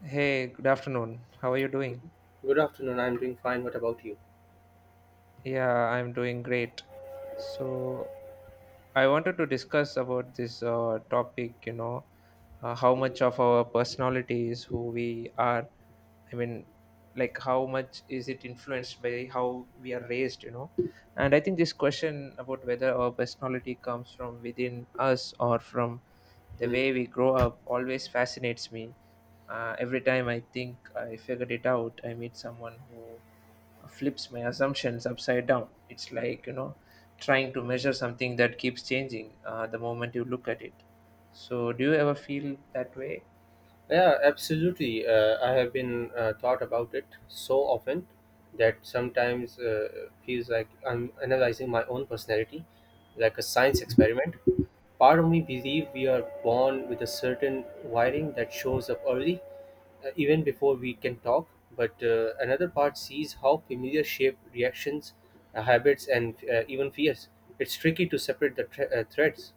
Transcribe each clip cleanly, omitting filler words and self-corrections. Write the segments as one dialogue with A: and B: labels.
A: Hey, good afternoon. How are you doing?
B: Good afternoon. I'm doing fine. What about you?
A: Yeah, I'm doing great. So, I wanted to discuss about this topic, how much of our personality is who we are. I mean, like how much is it influenced by how we are raised, you know? And I think this question about whether our personality comes from within us or from the
B: Hmm.
A: way we grow up always fascinates me. Every time I think I figured it out, I meet someone who flips my assumptions upside down. It's like, trying to measure something that keeps changing the moment you look at it. So, do you ever feel that way?
B: Yeah, absolutely. I have been thought about it so often that sometimes feels like I'm analyzing my own personality like a science experiment. Part of me believe we are born with a certain wiring that shows up early, even before we can talk. But another part sees how familiar shape reactions, habits, and even fears. It's tricky to separate the threads.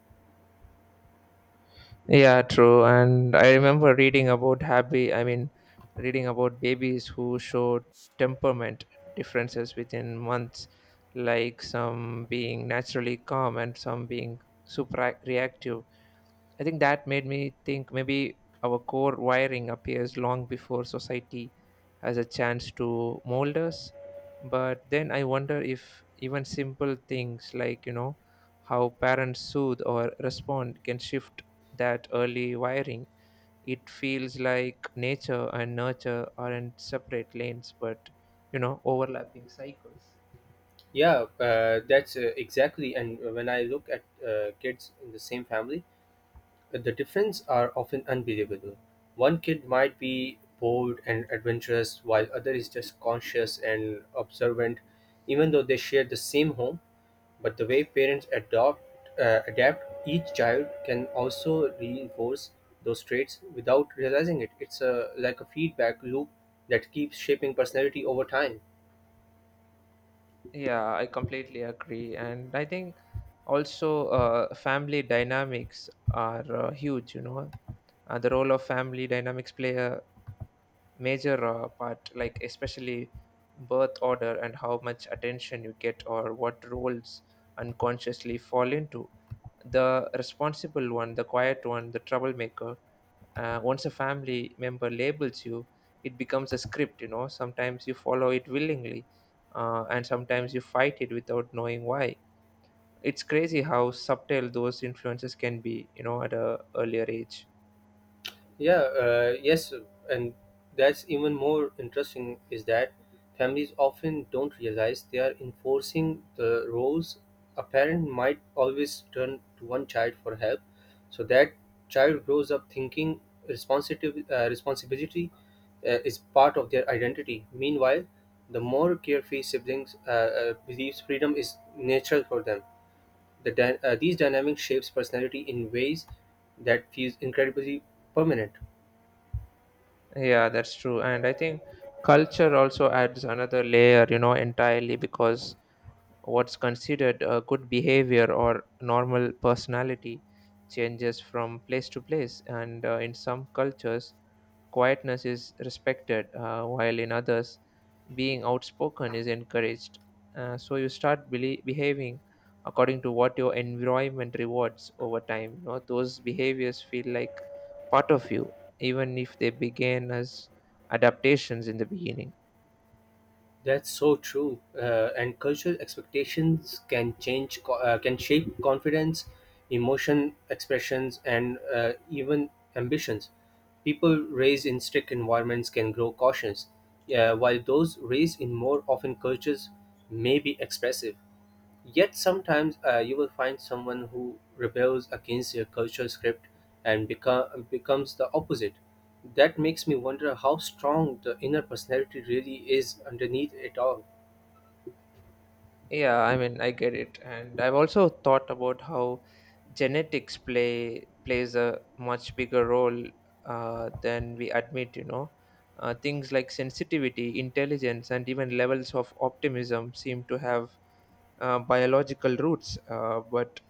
A: Yeah, true. And I remember reading about reading about babies who show temperament differences within months, like some being naturally calm and some being super reactive. I think that made me think maybe our core wiring appears long before society has a chance to mold us. But then I wonder if even simple things like, you know, how parents soothe or respond can shift that early wiring. It feels like nature and nurture aren't separate lanes, but, you know, overlapping cycles.
B: Yeah, that's Exactly. And when I look at kids in the same family, the difference are often unbelievable. One kid might be bold and adventurous, while other is just conscious and observant, even though they share the same home. But the way parents adopt adapt each child can also reinforce those traits without realizing it. It's a like a feedback loop that keeps shaping personality over time.
A: Yeah, I completely agree. And I think also family dynamics are huge, you know. The role of family dynamics play a major part, like especially birth order and how much attention you get or what roles unconsciously fall into. The responsible one, the quiet one, the troublemaker. Once a family member labels you, it becomes a script. You know, sometimes you follow it willingly, and sometimes you fight it without knowing why. It's crazy how subtle those influences can be, you know, at a earlier age.
B: Yeah, yes, and that's even more interesting is that families often don't realize they are enforcing the roles. A parent might always turn to one child for help, so that child grows up thinking responsibility is part of their identity. Meanwhile, the more carefree siblings believes freedom is natural for them. The These dynamic shapes personality in ways that feels incredibly permanent.
A: Yeah, that's true. And I think culture also adds another layer, you know, entirely, because what's considered a good behavior or normal personality changes from place to place. And in some cultures quietness is respected, while in others, being outspoken is encouraged. So you start behaving according to what your environment rewards. Over time, you know, those behaviors feel like part of you, even if they began as adaptations in the beginning.
B: That's so true. And cultural expectations can change, can shape confidence, emotion expressions, and even ambitions. People raised in strict environments can grow cautious, while those raised in more often cultures may be expressive. Yet sometimes you will find someone who rebels against their cultural script and becomes the opposite. That makes me wonder how strong the inner personality really is underneath it all.
A: Yeah, I mean, I get it, and I've also thought about how genetics plays a much bigger role than we admit. You know, things like sensitivity, intelligence, and even levels of optimism seem to have biological roots. But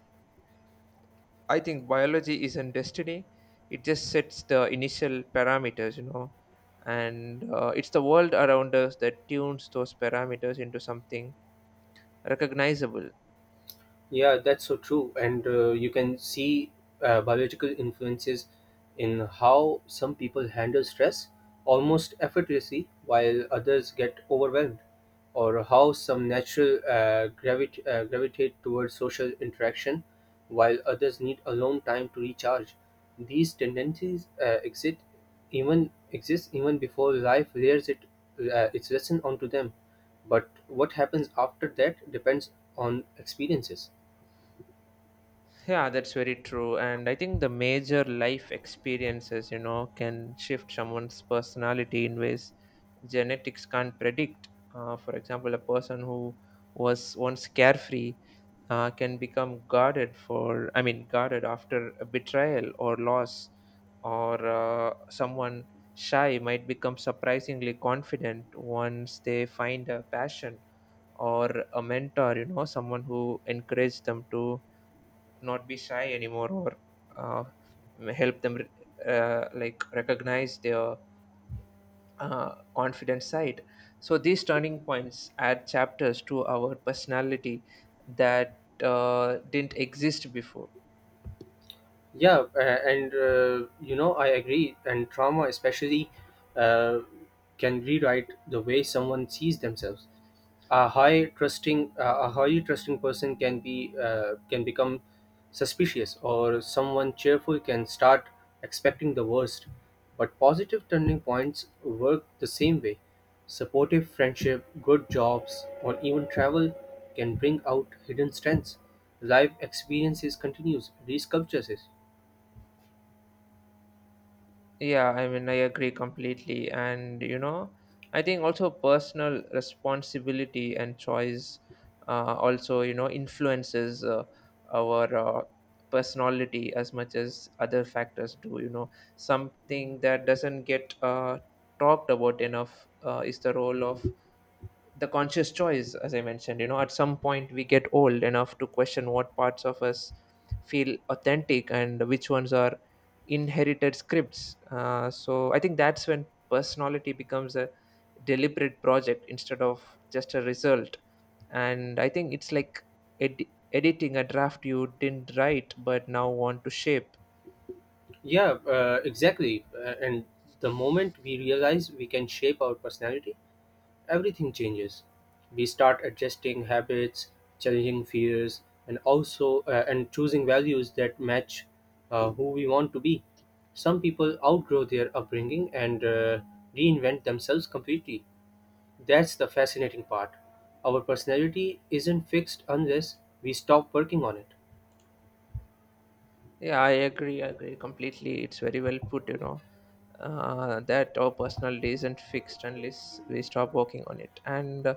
A: I think biology isn't destiny; it just sets the initial parameters. You know, and it's the world around us that tunes those parameters into something recognizable.
B: Yeah, that's so true. And you can see biological influences in how some people handle stress almost effortlessly while others get overwhelmed, or how some natural gravitate towards social interaction while others need alone time to recharge. These tendencies exist even before life layers it its lesson onto them. But what happens after that depends on experiences.
A: Yeah, that's very true. And I think the major life experiences, you know, can shift someone's personality in ways genetics can't predict. For example, a person who was once carefree can become guarded for, I mean, guarded after a betrayal or loss, or someone shy might become surprisingly confident once they find a passion or a mentor, you know, someone who encouraged them to not be shy anymore, or uh, help them like recognize their confident side. So these turning points add chapters to our personality that didn't exist before.
B: I agree. And trauma, especially, uh, can rewrite the way someone sees themselves. A highly trusting person can become suspicious, or someone cheerful can start expecting the worst. But positive turning points work the same way. Supportive friendship, good jobs, or even travel can bring out hidden strengths. Life experiences continues, resculptures it.
A: Yeah, I mean, I agree completely. And, you know, I think also personal responsibility and choice also, you know, influences our personality as much as other factors do. You know, something that doesn't get talked about enough is the role of the conscious choice. As I mentioned, you know, at some point we get old enough to question what parts of us feel authentic and which ones are inherited scripts. Uh, so I think that's when personality becomes a deliberate project instead of just a result. And I think it's like ed- editing a draft you didn't write but now want to shape.
B: Yeah, exactly. And the moment we realize we can shape our personality, everything changes. We start adjusting habits, challenging fears, and also and choosing values that match who we want to be. Some people outgrow their upbringing and reinvent themselves completely. That's the fascinating part. Our personality isn't fixed unless we stop working on it.
A: Yeah, I agree. I agree completely. It's very well put, you know, that our personality isn't fixed unless we stop working on it. And uh,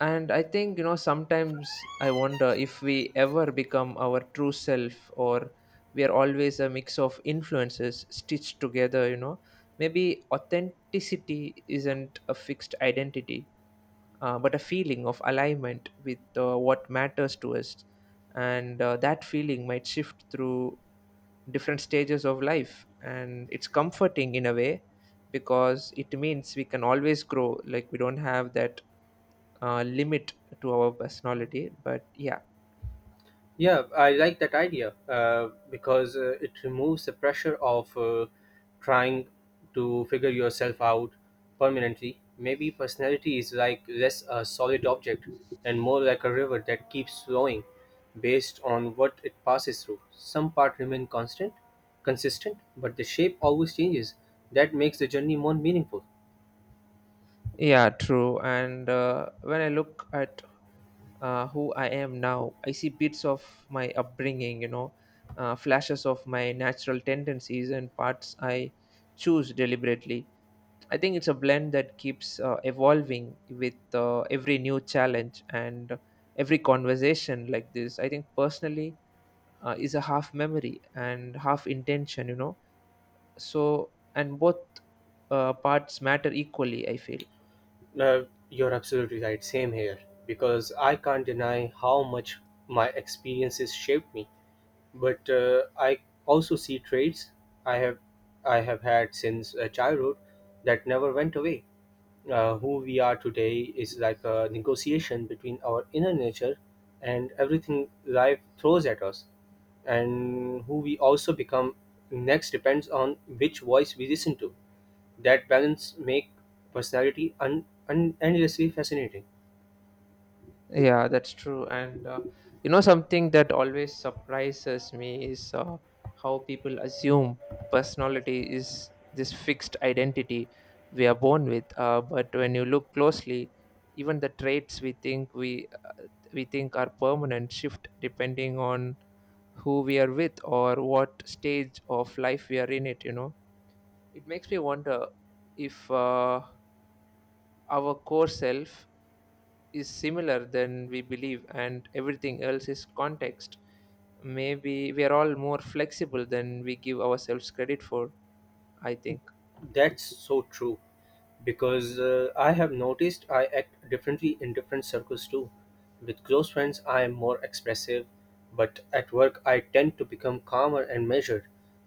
A: and I think, you know, sometimes I wonder if we ever become our true self, or we are always a mix of influences stitched together. You know, maybe authenticity isn't a fixed identity, but a feeling of alignment with what matters to us. And that feeling might shift through different stages of life. And it's comforting in a way because it means we can always grow. Like we don't have that limit to our personality. But yeah,
B: Yeah, I like that idea because it removes the pressure of trying to figure yourself out permanently. Maybe personality is like less a solid object and more like a river that keeps flowing based on what it passes through. Some part remain constant, consistent, but the shape always changes. That makes the journey more meaningful.
A: yeah, true. And when I look at who I am now, I see bits of my upbringing, you know, flashes of my natural tendencies and parts I choose deliberately. I think it's a blend that keeps evolving with every new challenge and every conversation like this. I think personally is a half memory and half intention, you know. So, and both parts matter equally, I feel.
B: Uh, you're absolutely right. Same here because I can't deny how much my experiences shaped me but I also see traits I have I have had since childhood that never went away. Who we are today is like a negotiation between our inner nature and everything life throws at us, and who we also become next depends on which voice we listen to. That balance make personality endlessly fascinating.
A: Yeah, that's true. And you know, something that always surprises me is how people assume personality is this fixed identity we are born with. But when you look closely, even the traits we think are permanent shift depending on who we are with or what stage of life we are in it. You know, it makes me wonder if our core self is similar than we believe and everything else is context. Maybe we are all more flexible than we give ourselves credit for, I think.
B: That's so true. Because I have noticed I act differently in different circles too. With close friends, I am more expressive, but at work, I tend to become calmer and measured.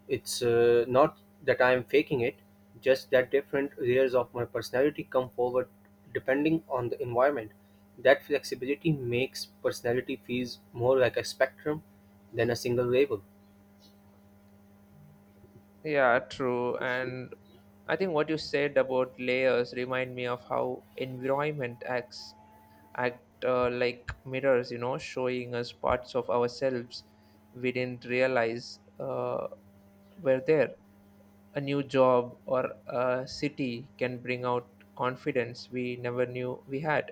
B: It's not that I am faking it, just that different layers of my personality come forward depending on the environment. That flexibility makes personality feels more like a spectrum than a single label.
A: Yeah, true. And I think what you said about layers remind me of how environment acts act like mirrors, you know, showing us parts of ourselves we didn't realize were there. A new job or a city can bring out confidence we never knew we had,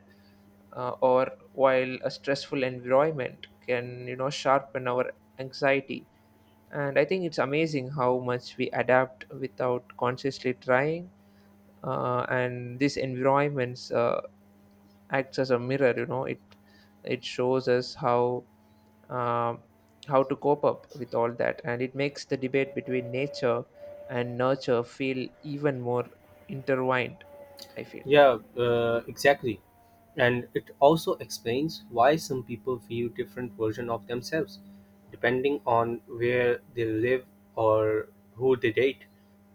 A: or while a stressful environment can, you know, sharpen our anxiety. And I think it's amazing how much we adapt without consciously trying. And these environments acts as a mirror, you know. It shows us how, um, how to cope up with all that. And it makes the debate between nature and nurture feel even more intertwined, I feel.
B: Yeah, exactly. And it also explains why some people feel different version of themselves depending on where they live or who they date.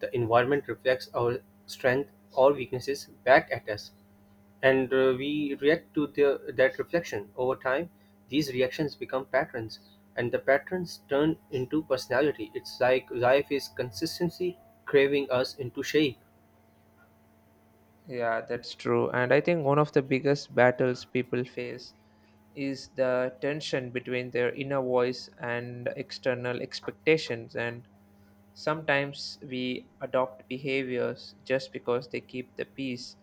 B: The environment reflects our strength or weaknesses back at us, and we react to that reflection. Over time, these reactions become patterns, and the patterns turn into personality. It's like life is consistency craving us into shape.
A: Yeah, that's true. And I think one of the biggest battles people face is the tension between their inner voice and external expectations. And sometimes we adopt behaviors just because they keep the peace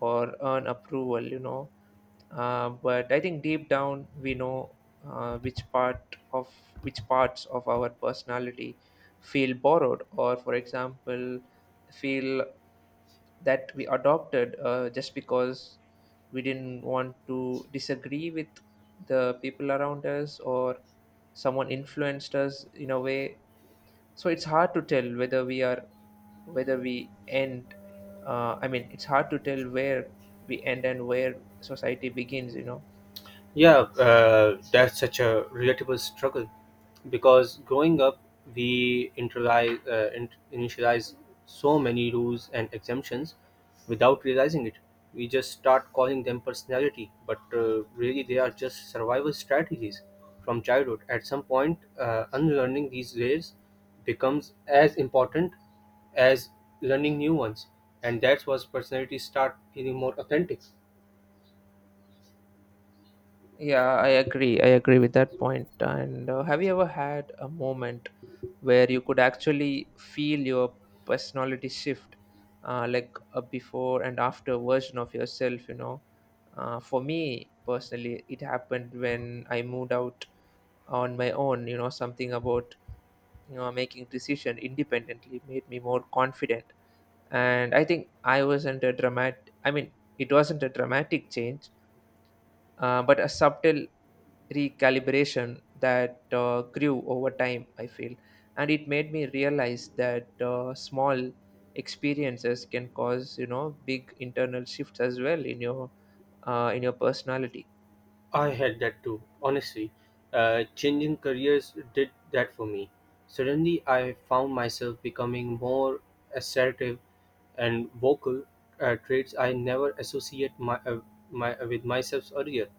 A: or earn approval, you know. But I think deep down we know, uh, which parts of our personality feel borrowed, or for example, feel that we adopted, just because we didn't want to disagree with the people around us, or someone influenced us in a way. So it's hard to tell whether we are whether we end I mean it's hard to tell where we end and where society begins, you know.
B: Yeah, that's such a relatable struggle because growing up, we initialize so many rules and exemptions without realizing it. We just start calling them personality, but really they are just survival strategies from childhood. At some point, unlearning these layers becomes as important as learning new ones, and that's why personalities start feeling more authentic.
A: Yeah, I agree. I agree with that point. And have you ever had a moment where you could actually feel your personality shift, like a before and after version of yourself? You know, for me personally, it happened when I moved out on my own. You know, something about, you know, making decision independently made me more confident. And I think I wasn't a dramatic. I mean, It wasn't a dramatic change, but a subtle recalibration that grew over time, I feel. And it made me realize that, small experiences can cause, you know, big internal shifts as well in your personality.
B: I had that too, honestly. Changing careers did that for me. Suddenly, I found myself becoming more assertive and vocal, traits I never associate with myself earlier.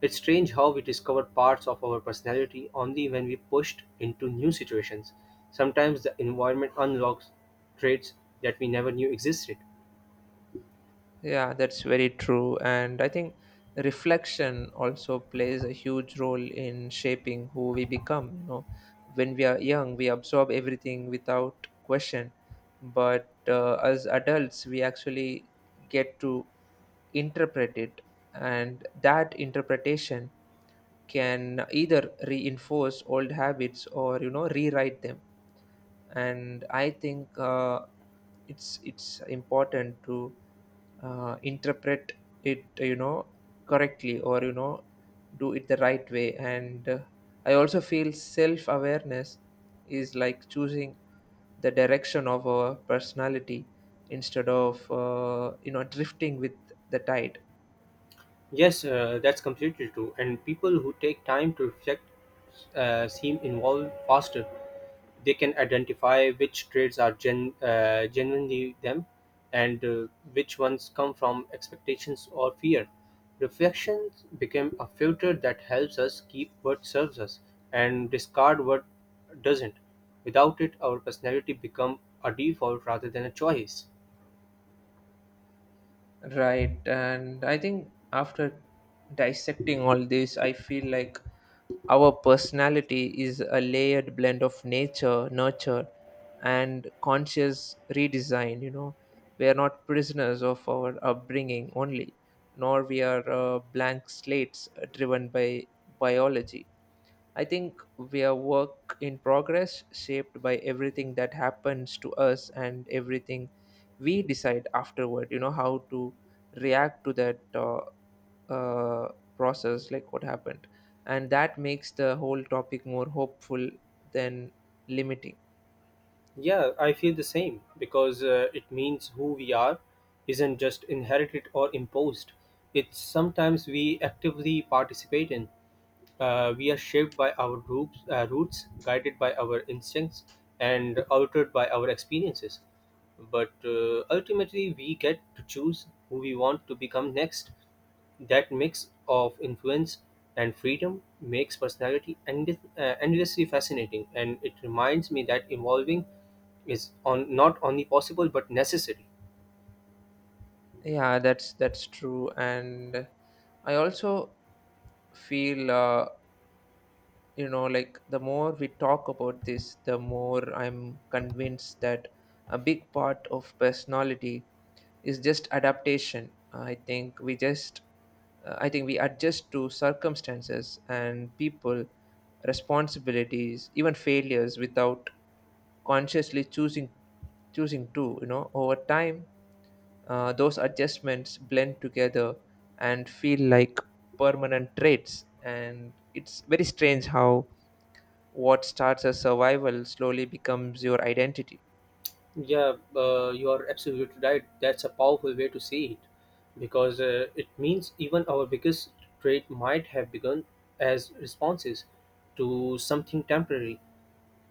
B: It's strange how we discover parts of our personality only when we pushed into new situations. Sometimes the environment unlocks traits that we never knew existed.
A: Yeah, that's very true. And I think reflection also plays a huge role in shaping who we become, you know. When we are young we absorb everything without question, but as adults we actually get to interpret it. And that interpretation can either reinforce old habits or, you know, rewrite them. And I think, it's important to interpret it, you know, correctly, or you know, do it the right way. And I also feel self awareness is like choosing the direction of our personality instead of, you know, drifting with the tide.
B: Yes, that's completely true. And people who take time to reflect seem involved faster. They can identify which traits are genuinely them and which ones come from expectations or fear. Reflections become a filter that helps us keep what serves us and discard what doesn't. Without it, our personality become a default rather than a choice.
A: Right, and I think after dissecting all this, I feel like our personality is a layered blend of nature, nurture, and conscious redesign. You know, we are not prisoners of our upbringing only, nor we are blank slates driven by biology. I think we are work in progress, shaped by everything that happens to us and everything we decide afterward. You know, how to react to that, uh, process, like what happened. And that makes the whole topic more hopeful than limiting.
B: Yeah, I feel the same because it means who we are isn't just inherited or imposed. It's sometimes we actively participate in. We are shaped by our roots, guided by our instincts, and altered by our experiences. But ultimately, we get to choose who we want to become next. That mix of influence and freedom makes personality endlessly fascinating, and it reminds me that evolving is on not only possible but necessary.
A: Yeah, that's true, and I also feel. You know, like the more we talk about this, the more I'm convinced that a big part of personality is just adaptation. I think we just I think we adjust to circumstances and people, responsibilities, even failures without consciously choosing to, you know. Over time, those adjustments blend together and feel like permanent traits, and it's very strange how what starts as survival slowly becomes your identity.
B: Yeah you are absolutely right. That's a powerful way to see it because it means even our biggest trade might have begun as responses to something temporary.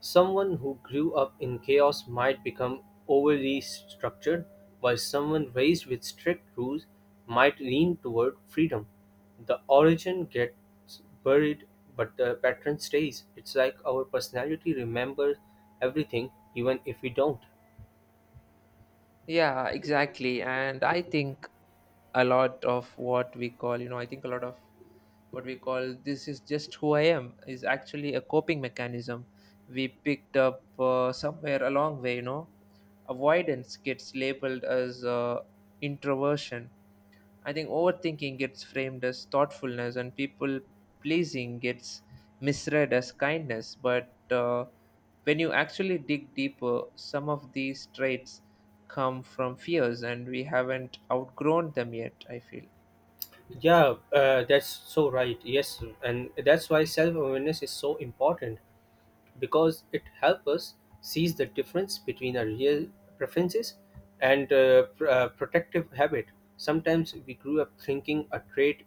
B: Someone who grew up in chaos might become overly structured, while someone raised with strict rules might lean toward freedom. The origin gets buried, but the pattern stays. It's like our personality remembers everything, even if we don't.
A: Yeah, exactly. And I think a lot of what we call, you know, I think a lot of what we call this is just who I am is actually a coping mechanism we picked up somewhere along way, you know. Avoidance gets labeled as introversion. I think overthinking gets framed as thoughtfulness, and people pleasing gets misread as kindness. But when you actually dig deeper, some of these traits come from fears and we haven't outgrown them yet, I feel.
B: Yeah, that's so right. Yes, and that's why self awareness is so important, because it helps us sees the difference between our real preferences and protective habit. Sometimes we grew up thinking a trait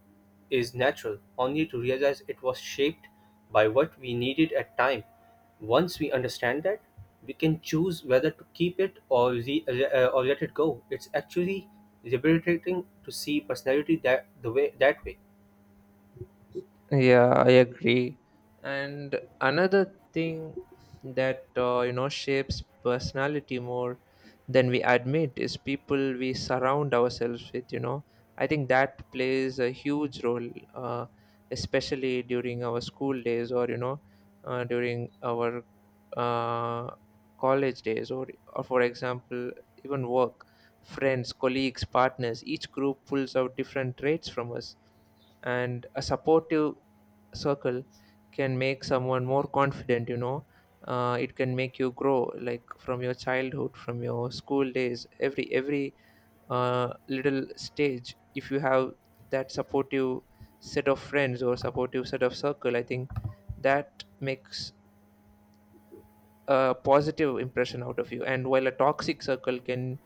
B: is natural, only to realize it was shaped by what we needed at time. Once we understand that, we can choose whether to keep it or let it go. It's actually liberating to see personality that way.
A: Yeah, I agree. And another thing that you know shapes personality more than we admit is people we surround ourselves with. You know, I think that plays a huge role, uh, especially during our school days, or you know, during our uh, college days, or for example, even work. Friends, colleagues, partners. Each group pulls out different traits from us, and a supportive circle can make someone more confident, you know. It can make you grow, like from your childhood, from your school days, every little stage. If you have that supportive set of friends or supportive set of circle, I think that makes a positive impression out of you. And while a toxic circle can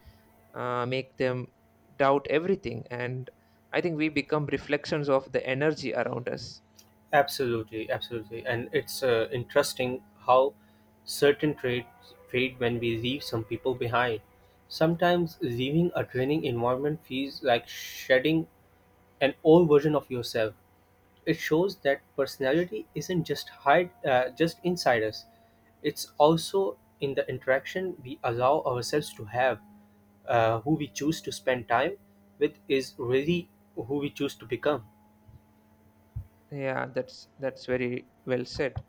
A: make them doubt everything, and I think we become reflections of the energy around us.
B: Absolutely, absolutely. And it's interesting how certain traits fade when we leave some people behind. Sometimes leaving a draining environment feels like shedding an old version of yourself. It shows that personality isn't just inside us. It's also in the interaction we allow ourselves to have. Who we choose to spend time with is really who we choose to become.
A: Yeah, that's very well said.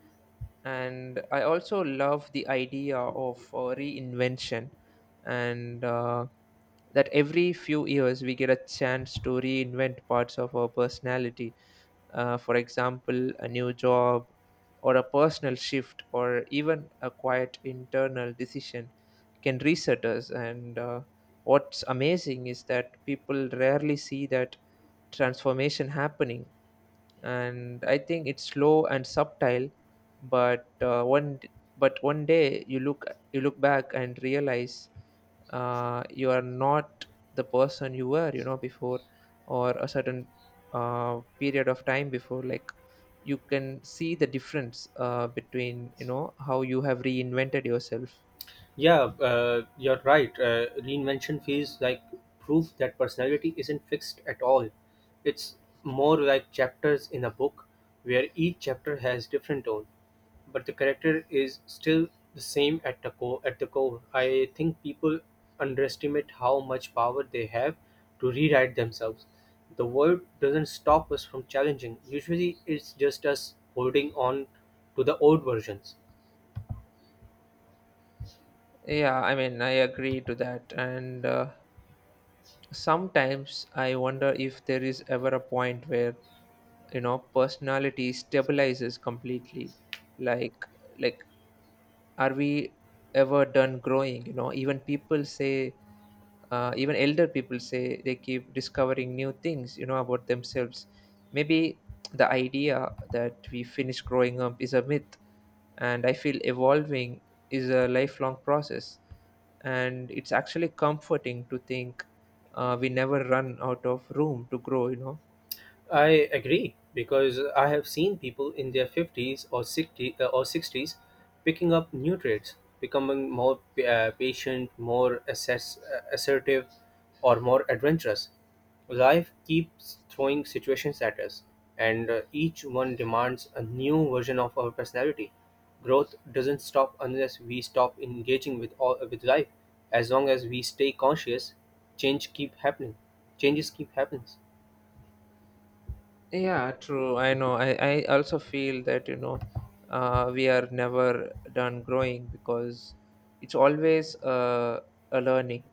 A: And I also love the idea of reinvention, and that every few years we get a chance to reinvent parts of our personality. For example, a new job, or a personal shift, or even a quiet internal decision can reset us. And what's amazing is that people rarely see that transformation happening, and I think it's slow and subtle, but one day you look, you look back and realize you are not the person you were, you know, before, or a certain period of time before. Like you can see the difference between, you know, how you have reinvented yourself.
B: Yeah, you're right. Reinvention feels like proof that personality isn't fixed at all. It's more like chapters in a book where each chapter has different tone, but the character is still the same at the core. At the core, I think people underestimate how much power they have to rewrite themselves. The world doesn't stop us from challenging. Usually, it's just us holding on to the old versions.
A: Yeah, I mean, I agree to that. And sometimes I wonder if there is ever a point where, you know, personality stabilizes completely, like like are we ever done growing, you know? Even people say, even elder people say they keep discovering new things, you know, about themselves. Maybe the idea that we finish growing up is a myth, and I feel evolving is a lifelong process, and it's actually comforting to think we never run out of room to grow, you know.
B: I agree because I have seen people in their 50s or 60 uh, or 60s picking up new traits, becoming more patient, more assertive, or more adventurous. Life keeps throwing situations at us, and each one demands a new version of our personality. Growth doesn't stop unless we stop engaging with all with life. As long as we stay conscious, change keep happening. Changes keep happening.
A: Yeah, true. I know. I also feel that, you know, we are never done growing because it's always a learning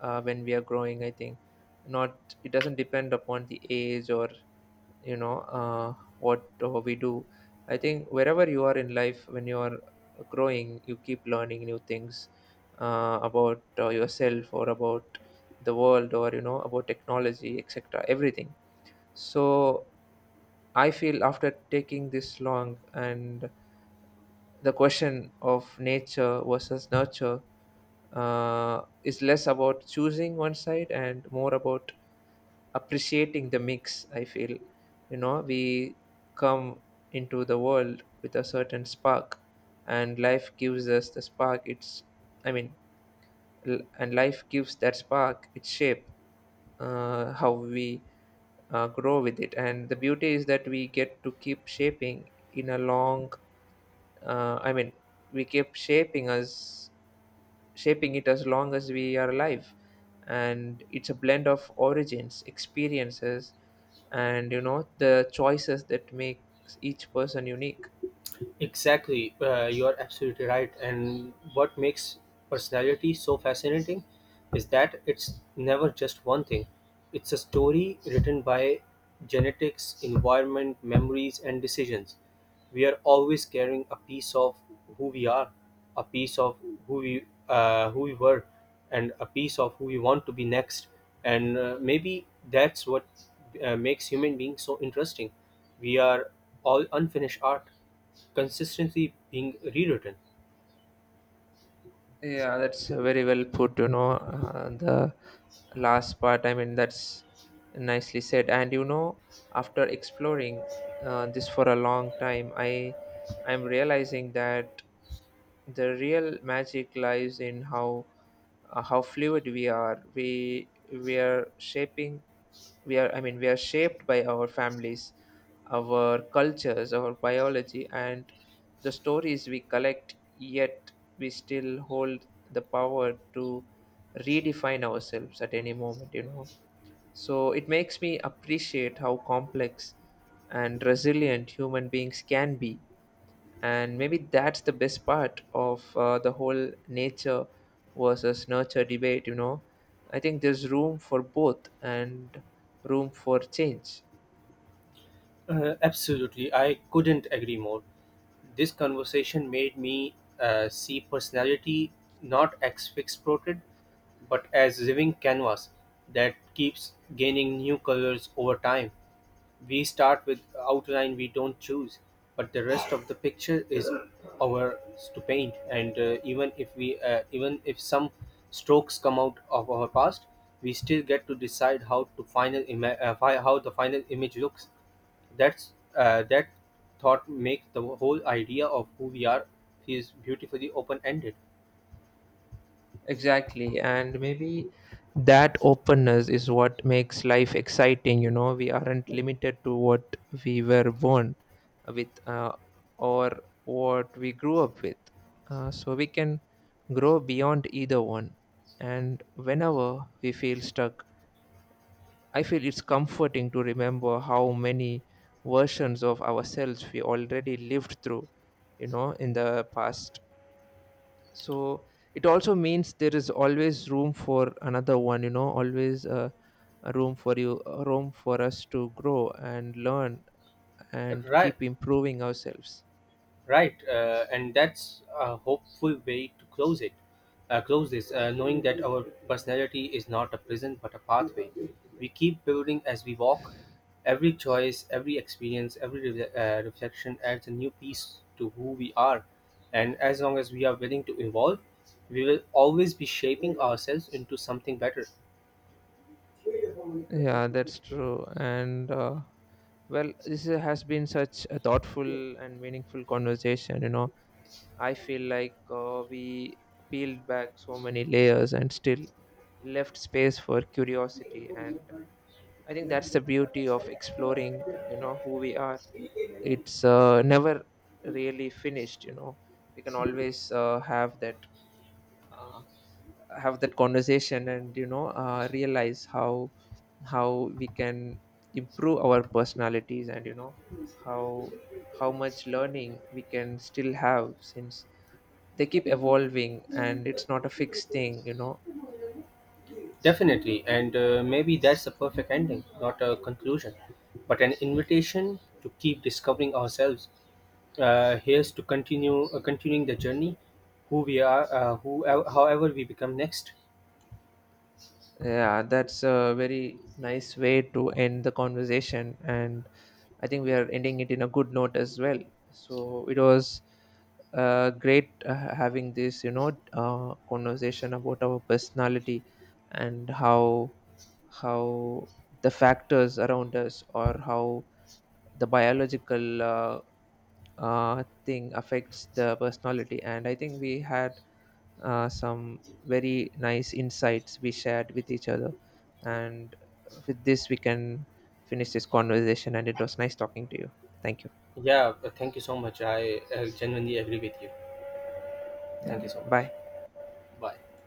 A: when we are growing, I think. Not, it doesn't depend upon the age, or, you know, what we do. I think wherever you are in life, when you are growing, you keep learning new things about yourself, or about the world, or, you know, about technology, etc. Everything. So I feel after taking this long, and the question of nature versus nurture is less about choosing one side and more about appreciating the mix. I feel, you know, we come into the world with a certain spark, and life gives us the spark. It's, I mean, and life gives that spark its shape, how we grow with it. And the beauty is that we get to keep shaping in a long, uh, i mean we keep shaping us, shaping it as long as we are alive. And it's a blend of origins, experiences, and, you know, the choices that makes each person unique.
B: Exactly, you are absolutely right. And what makes personality so fascinating is that it's never just one thing, it's a story written by genetics, environment, memories, and decisions. We are always carrying a piece of who we are, a piece of who we were, and a piece of who we want to be next. And maybe that's what makes human beings so interesting. We are all unfinished art consistently being rewritten.
A: Yeah, that's very well put, you know. The last part, I mean, that's nicely said. And you know, after exploring this for a long time, I'm realizing that the real magic lies in how, how fluid we are. We are shaping, we are, I mean, we are shaped by our families, our cultures, our biology, and the stories we collect, yet we still hold the power to redefine ourselves at any moment, you know. So it makes me appreciate how complex and resilient human beings can be. And maybe that's the best part of the whole nature versus nurture debate, you know. I think there's room for both and room for change.
B: Absolutely, I couldn't agree more. This conversation made me see personality not as fixed portrait, but as living canvas that keeps gaining new colors over time. We start with outline we don't choose, but the rest of the picture is ours to paint. And even if some strokes come out of our past, we still get to decide how to final ima- fi- how the final image looks. That thought makes the whole idea of who we are is beautifully open ended.
A: Exactly. And maybe that openness is what makes life exciting. You know, we aren't limited to what we were born with, or what we grew up with. So we can grow beyond either one. And whenever we feel stuck, I feel it's comforting to remember how many versions of ourselves we already lived through, you know, in the past. So it also means there is always room for another one, you know. Always a room for you, a room for us to grow and learn and
B: Right,
A: keep improving ourselves.
B: right, and that's a hopeful way to close it, close this, knowing that our personality is not a prison but a pathway we keep building as we walk. Every choice, every experience, every reflection adds a new piece to who we are, and as long as we are willing to evolve, we will always be shaping ourselves into something better.
A: Yeah, that's true. And well, this has been such a thoughtful and meaningful conversation, you know. I feel like we peeled back so many layers and still left space for curiosity, and I think that's the beauty of exploring, you know, who we are. It's never really finished, you know. We can always uh, have that conversation, and you know, realize how we can improve our personalities, and you know, how how much learning we can still have, since they keep evolving and it's not a fixed thing, you know.
B: Definitely, and maybe that's a perfect ending, not a conclusion, but an invitation to keep discovering ourselves. Here's to continue continuing the journey, who we are, who however we become next.
A: Yeah, that's a very nice way to end the conversation, and I think we are ending it in a good note as well. So it was great having this, you know, conversation about our personality and how the factors around us, or how the biological thing affects the personality. And I think we had some very nice insights we shared with each other. And with this, we can finish this conversation. And it was nice talking to you. Thank you.
B: Yeah, thank you so much. I genuinely agree with you.
A: Yeah.
B: Thank you so much.
A: Bye.
B: Bye.